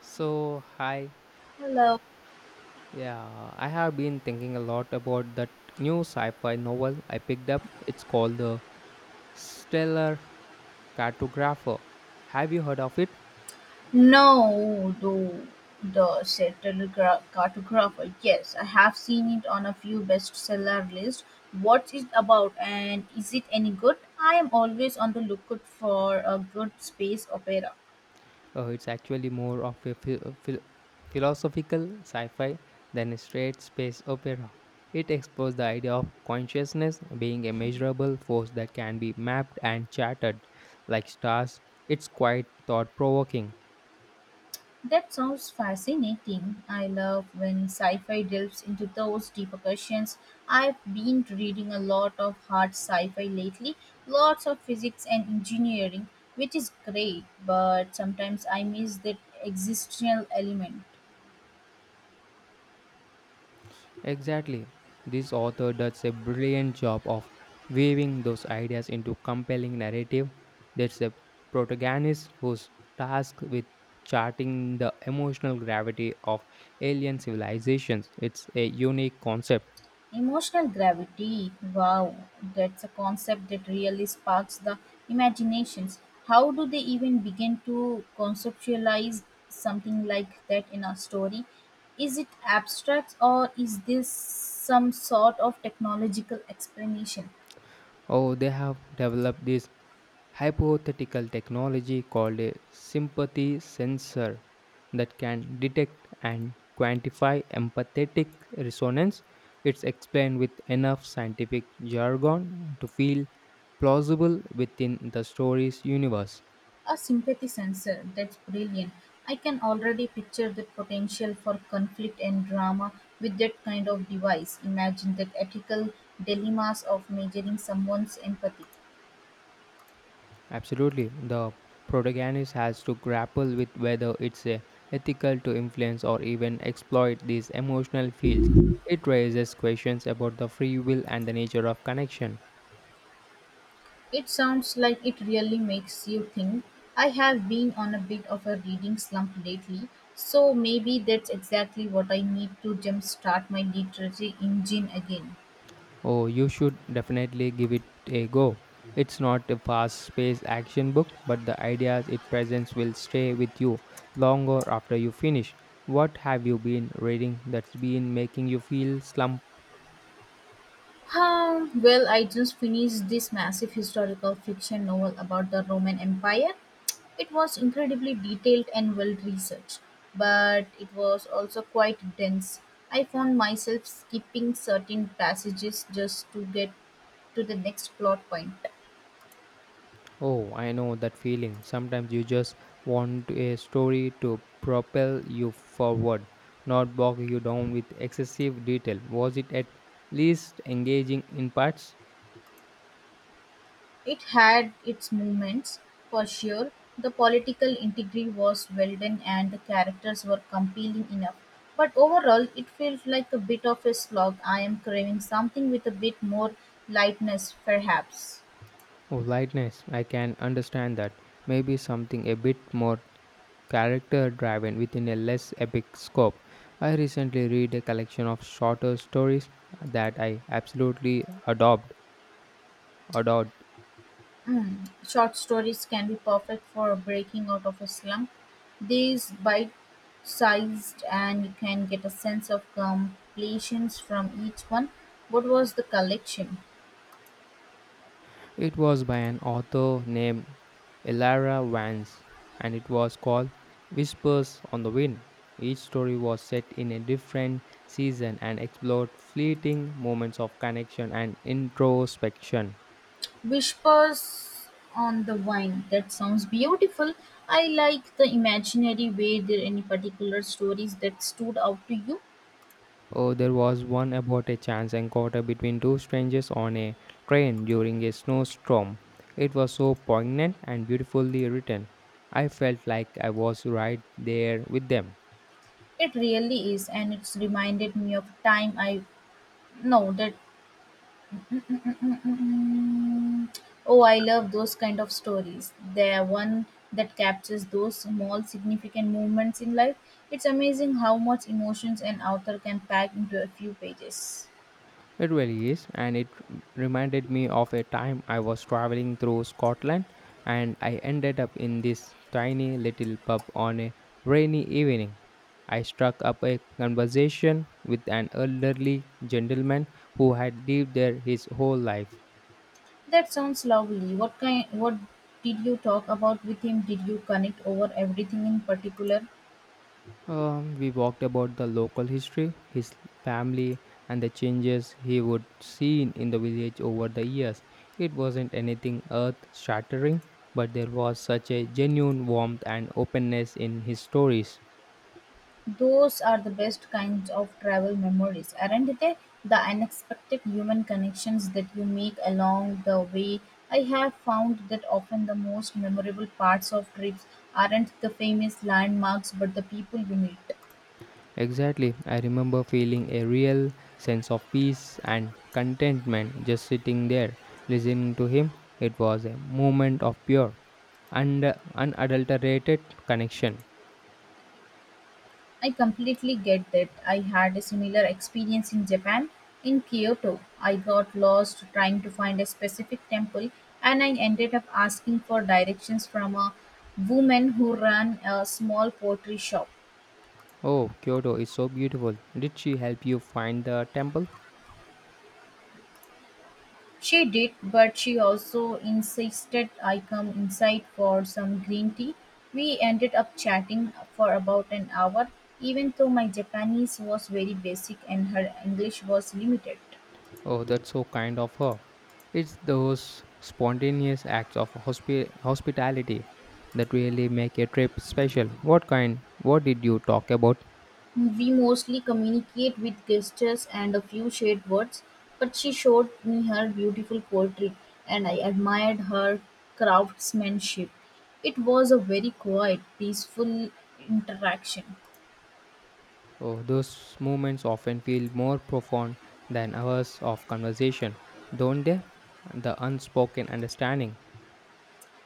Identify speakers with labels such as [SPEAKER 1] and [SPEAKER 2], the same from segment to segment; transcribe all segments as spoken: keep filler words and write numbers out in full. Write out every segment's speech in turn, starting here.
[SPEAKER 1] So, hi.
[SPEAKER 2] Hello.
[SPEAKER 1] Yeah, I have been thinking a lot about that new sci fi novel I picked up. It's called The Stellar Cartographer. Have you heard of it?
[SPEAKER 2] No, though, the said telegra- cartographer. Yes, I have seen it on a few bestseller lists. What's it about and is it any good? I am always on the lookout for a good space opera.
[SPEAKER 1] Uh, it's actually more of a phi- uh, phil- philosophical sci fi than a straight space opera. It explores the idea of consciousness being a measurable force that can be mapped and charted like stars. It's quite thought provoking.
[SPEAKER 2] That sounds fascinating. I love when sci fi delves into those deeper questions. I've been reading a lot of hard sci fi lately, lots of physics and engineering, which is great, but sometimes I miss that existential element.
[SPEAKER 1] Exactly. This author does a brilliant job of weaving those ideas into compelling narrative. There's a protagonist who's tasked with charting the emotional gravity of alien civilizations. It's a unique concept.
[SPEAKER 2] Emotional gravity, wow, that's a concept that really sparks the imaginations. How do they even begin to conceptualize something like that in a story? Is it abstract or is this some sort of technological explanation?
[SPEAKER 1] Oh, they have developed this hypothetical technology called a sympathy sensor that can detect and quantify empathetic resonance. It's explained with enough scientific jargon to feel plausible within the story's universe.
[SPEAKER 2] A sympathy sensor, that's brilliant. I can already picture the potential for conflict and drama with that kind of device. Imagine the ethical dilemmas of measuring someone's empathy.
[SPEAKER 1] Absolutely, the protagonist has to grapple with whether it's uh, ethical to influence or even exploit these emotional fields. It raises questions about the free will and the nature of connection.
[SPEAKER 2] It sounds like it really makes you think. I have been on a bit of a reading slump lately, so maybe that's exactly what I need to jumpstart my literary engine again.
[SPEAKER 1] Oh, you should definitely give it a go. It's not a fast paced action book, but the ideas it presents will stay with you longer after you finish. What have you been reading that's been making you feel slumped?
[SPEAKER 2] Huh, well, I just finished this massive historical fiction novel about the Roman Empire. It was incredibly detailed and well researched, but it was also quite dense. I found myself skipping certain passages just to get to the next plot point.
[SPEAKER 1] Oh, I know that feeling. Sometimes you just want a story to propel you forward, not bog you down with excessive detail. Was it at least engaging in parts?
[SPEAKER 2] It had its moments, for sure; the political intrigue was well done and the characters were compelling enough, but overall it felt like a bit of a slog. I am craving something with a bit more lightness, perhaps.
[SPEAKER 1] Oh, lightness, I can understand that. Maybe something a bit more character driven within a less epic scope. I recently read a collection of shorter stories that I absolutely adopt, adored.
[SPEAKER 2] Mm, Short stories can be perfect for breaking out of a slump. These bite sized and you can get a sense of completions from each one. What was the collection?
[SPEAKER 1] It was by an author named Elara Vance and it was called Whispers on the Wind. Each story was set in a different season and explored fleeting moments of connection and introspection.
[SPEAKER 2] Whispers on the wine. That sounds beautiful. I like the imaginary. Way. There any particular stories that stood out to you?
[SPEAKER 1] Oh, there was one about a chance encounter between two strangers on a train during a snowstorm. It was so poignant and beautifully written. I felt like I was right there with them.
[SPEAKER 2] It really is, and it's reminded me of time I know that. Mm. Oh, I love those kind of stories. They are one that captures those small, significant moments in life. It's amazing how much emotions an author can pack into a few pages.
[SPEAKER 1] It really is, and it reminded me of a time I was traveling through Scotland and I ended up in this tiny little pub on a rainy evening. I struck up a conversation with an elderly gentleman who had lived there his whole life.
[SPEAKER 2] That sounds lovely. What kind, what did you talk about with him? Did you connect over everything in particular?
[SPEAKER 1] Um, we walked about the local history, his family, and the changes he would see in the village over the years. It wasn't anything earth shattering, but there was such a genuine warmth and openness in his stories.
[SPEAKER 2] Those are the best kinds of travel memories, aren't they? The unexpected human connections that you make along the way. I have found that often the most memorable parts of trips aren't the famous landmarks but the people you meet.
[SPEAKER 1] Exactly, I remember feeling a real sense of peace and contentment just sitting there, listening to him. It was a moment of pure and unadulterated connection.
[SPEAKER 2] I completely get that. I had a similar experience in Japan. In Kyoto, I got lost trying to find a specific temple and I ended up asking for directions from a woman who ran a small pottery shop.
[SPEAKER 1] Oh, Kyoto is so beautiful. Did she help you find the temple?
[SPEAKER 2] She did, but she also insisted I come inside for some green tea. We ended up chatting for about an hour, even though my Japanese was very basic and her English was limited.
[SPEAKER 1] Oh, that's so kind of her. It's those spontaneous acts of hospi- hospitality that really make a trip special. What kind? What did you talk about?
[SPEAKER 2] We mostly communicate with gestures and a few shared words, but she showed me her beautiful poetry and I admired her craftsmanship. It was a very quiet, peaceful interaction.
[SPEAKER 1] Oh, those moments often feel more profound than hours of conversation, don't they? The unspoken understanding.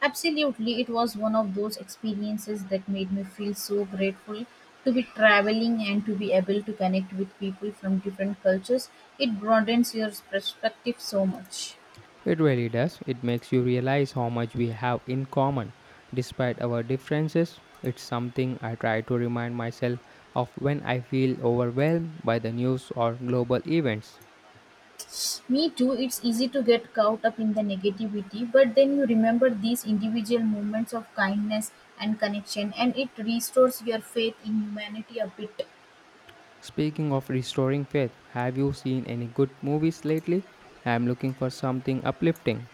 [SPEAKER 2] Absolutely, it was one of those experiences that made me feel so grateful to be traveling and to be able to connect with people from different cultures. It broadens your perspective so much.
[SPEAKER 1] It really does. It makes you realize how much we have in common. Despite our differences, it's something I try to remind myself of when I feel overwhelmed by the news or global events.
[SPEAKER 2] Me too, it's easy to get caught up in the negativity, but then you remember these individual moments of kindness and connection, and it restores your faith in humanity a bit.
[SPEAKER 1] Speaking of restoring faith, have you seen any good movies lately? I'm looking for something uplifting.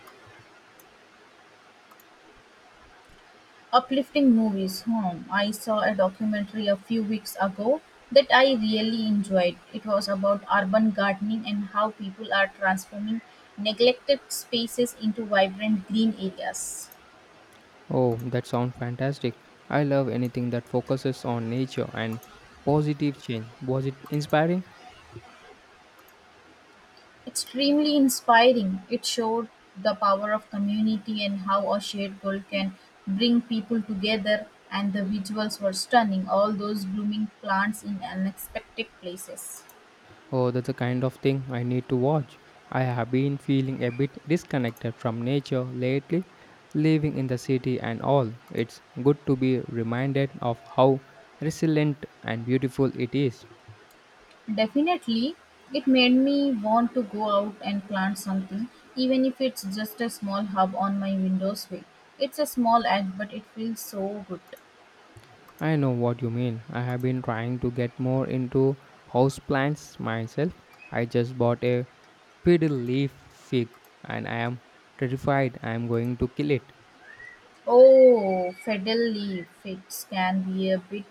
[SPEAKER 2] Uplifting movies. Hmm. I saw a documentary a few weeks ago that I really enjoyed. It was about urban gardening and how people are transforming neglected spaces into vibrant green areas.
[SPEAKER 1] Oh, that sounds fantastic. I love anything that focuses on nature and positive change. Was it inspiring?
[SPEAKER 2] Extremely inspiring, it showed the power of community and how a shared goal can bring people together, and the visuals were stunning, all those blooming plants in unexpected places.
[SPEAKER 1] Oh, that's the kind of thing I need to watch. I have been feeling a bit disconnected from nature lately, living in the city and all. It's good to be reminded of how resilient and beautiful it is.
[SPEAKER 2] Definitely, it made me want to go out and plant something, even if it's just a small hub on my windowsill. It's a small act, but it feels so good.
[SPEAKER 1] I know what you mean. I have been trying to get more into houseplants myself. I just bought a fiddle leaf fig and I am terrified I am going to kill it.
[SPEAKER 2] Oh, fiddle leaf. It can be a bit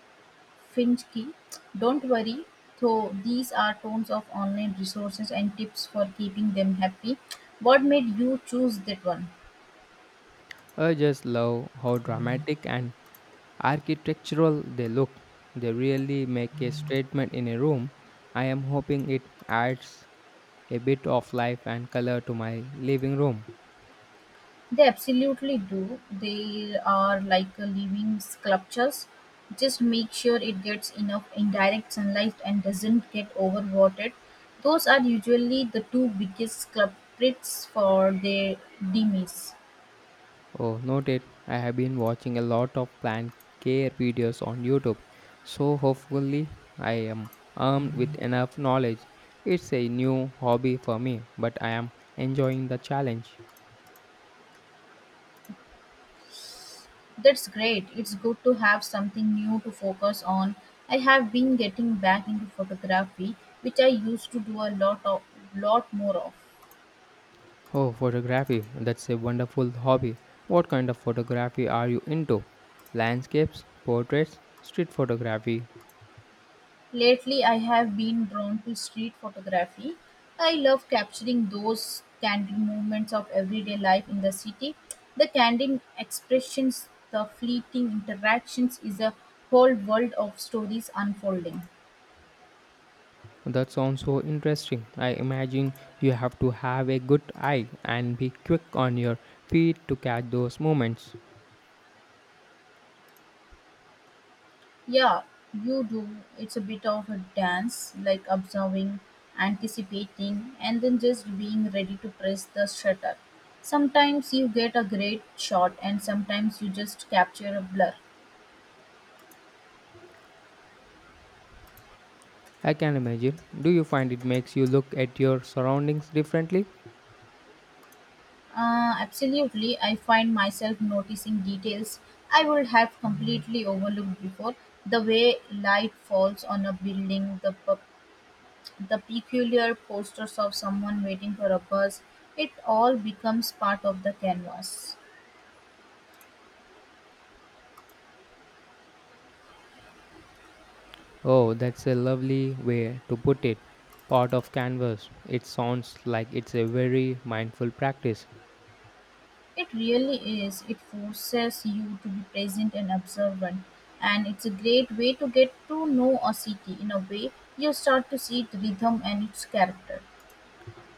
[SPEAKER 2] Finsky, don't worry, though these are tons of online resources and tips for keeping them happy. What made you choose that one?
[SPEAKER 1] I just love how dramatic and architectural they look. They really make a statement in a room. I am hoping it adds a bit of life and color to my living room.
[SPEAKER 2] They absolutely do. They are like a living sculptures. Just make sure it gets enough indirect sunlight and doesn't get overwatered. Those are usually the two biggest culprits for their demise.
[SPEAKER 1] Oh, noted. I have been watching a lot of plant care videos on YouTube, so hopefully I am armed with enough knowledge. It's a new hobby for me, but I am enjoying the challenge.
[SPEAKER 2] That's great. It's good to have something new to focus on. I have been getting back into photography, which I used to do a lot of lot more of.
[SPEAKER 1] Oh, photography. That's a wonderful hobby. What kind of photography are you into? Landscapes, portraits, street photography.
[SPEAKER 2] Lately, I have been drawn to street photography. I love capturing those candid moments of everyday life in the city. The candid expressions, the fleeting interactions is a whole world of stories unfolding.
[SPEAKER 1] That sounds so interesting. I imagine you have to have a good eye and be quick on your feet to catch those moments.
[SPEAKER 2] Yeah, you do. It's a bit of a dance, like observing, anticipating, and then just being ready to press the shutter. Sometimes you get a great shot, and sometimes you just capture a blur.
[SPEAKER 1] I can imagine. Do you find it makes you look at your surroundings differently?
[SPEAKER 2] Uh, absolutely, I find myself noticing details I would have completely overlooked before. The way light falls on a building, the, pe- the peculiar posters of someone waiting for a bus, it all becomes part of the canvas.
[SPEAKER 1] Oh, that's a lovely way to put it. Part of canvas. It sounds like it's a very mindful practice.
[SPEAKER 2] It really is. It forces you to be present and observant. And it's a great way to get to know a city. In a way, you start to see its rhythm and its character.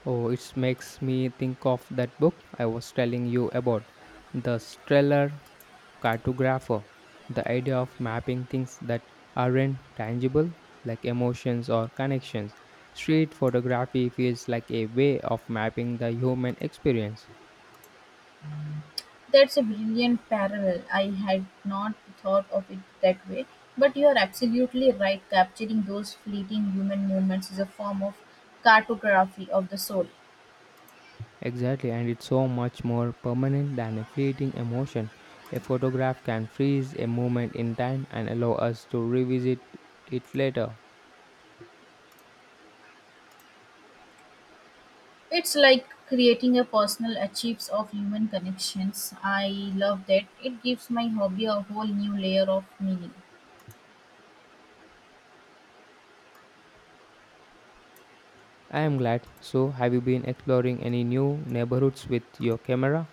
[SPEAKER 1] Oh, it makes me think of that book I was telling you about, The Stellar Cartographer. The idea of mapping things that aren't tangible, like emotions or connections. Street photography feels like a way of mapping the human experience.
[SPEAKER 2] That's a brilliant parallel. I had not thought of it that way. But you are absolutely right. Capturing those fleeting human moments is a form of cartography of the soul.
[SPEAKER 1] Exactly, and it's so much more permanent than a fleeting emotion. A photograph can freeze a moment in time and allow us to revisit it later.
[SPEAKER 2] It's like creating a personal archives of human connections. I love that. It gives my hobby a whole new layer of meaning.
[SPEAKER 1] I am glad. So, have you been exploring any new neighborhoods with your camera?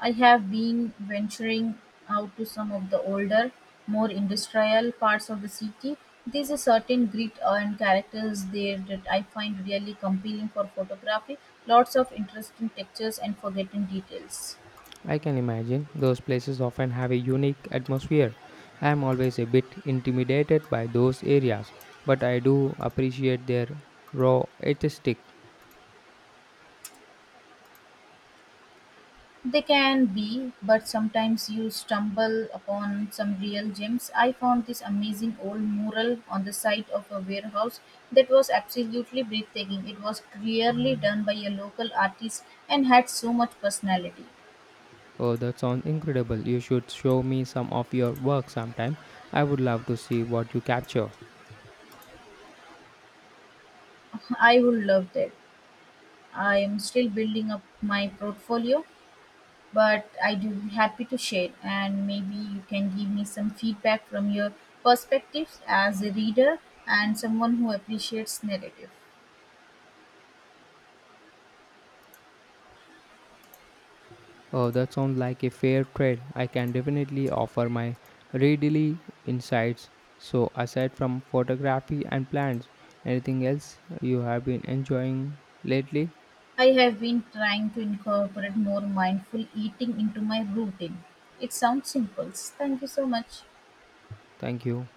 [SPEAKER 2] I have been venturing out to some of the older, more industrial parts of the city. There's a certain grit and characters there that I find really compelling for photography. Lots of interesting textures and forgotten details.
[SPEAKER 1] I can imagine those places often have a unique atmosphere. I am always a bit intimidated by those areas, but I do appreciate their raw artistic.
[SPEAKER 2] They can be, but sometimes you stumble upon some real gems. I found this amazing old mural on the side of a warehouse that was absolutely breathtaking. It was clearly done by a local artist and had so much personality.
[SPEAKER 1] Oh, that sounds incredible. You should show me some of your work sometime. I would love to see what you capture.
[SPEAKER 2] I would love that. I am still building up my portfolio, but I do be happy to share, and maybe you can give me some feedback from your perspectives as a reader and someone who appreciates narrative.
[SPEAKER 1] Oh, that sounds like a fair trade. I can definitely offer my readily insights. So, aside from photography and plants, anything else you have been enjoying lately?
[SPEAKER 2] I have been trying to incorporate more mindful eating into my routine. It sounds simple. Thank you so much.
[SPEAKER 1] Thank you.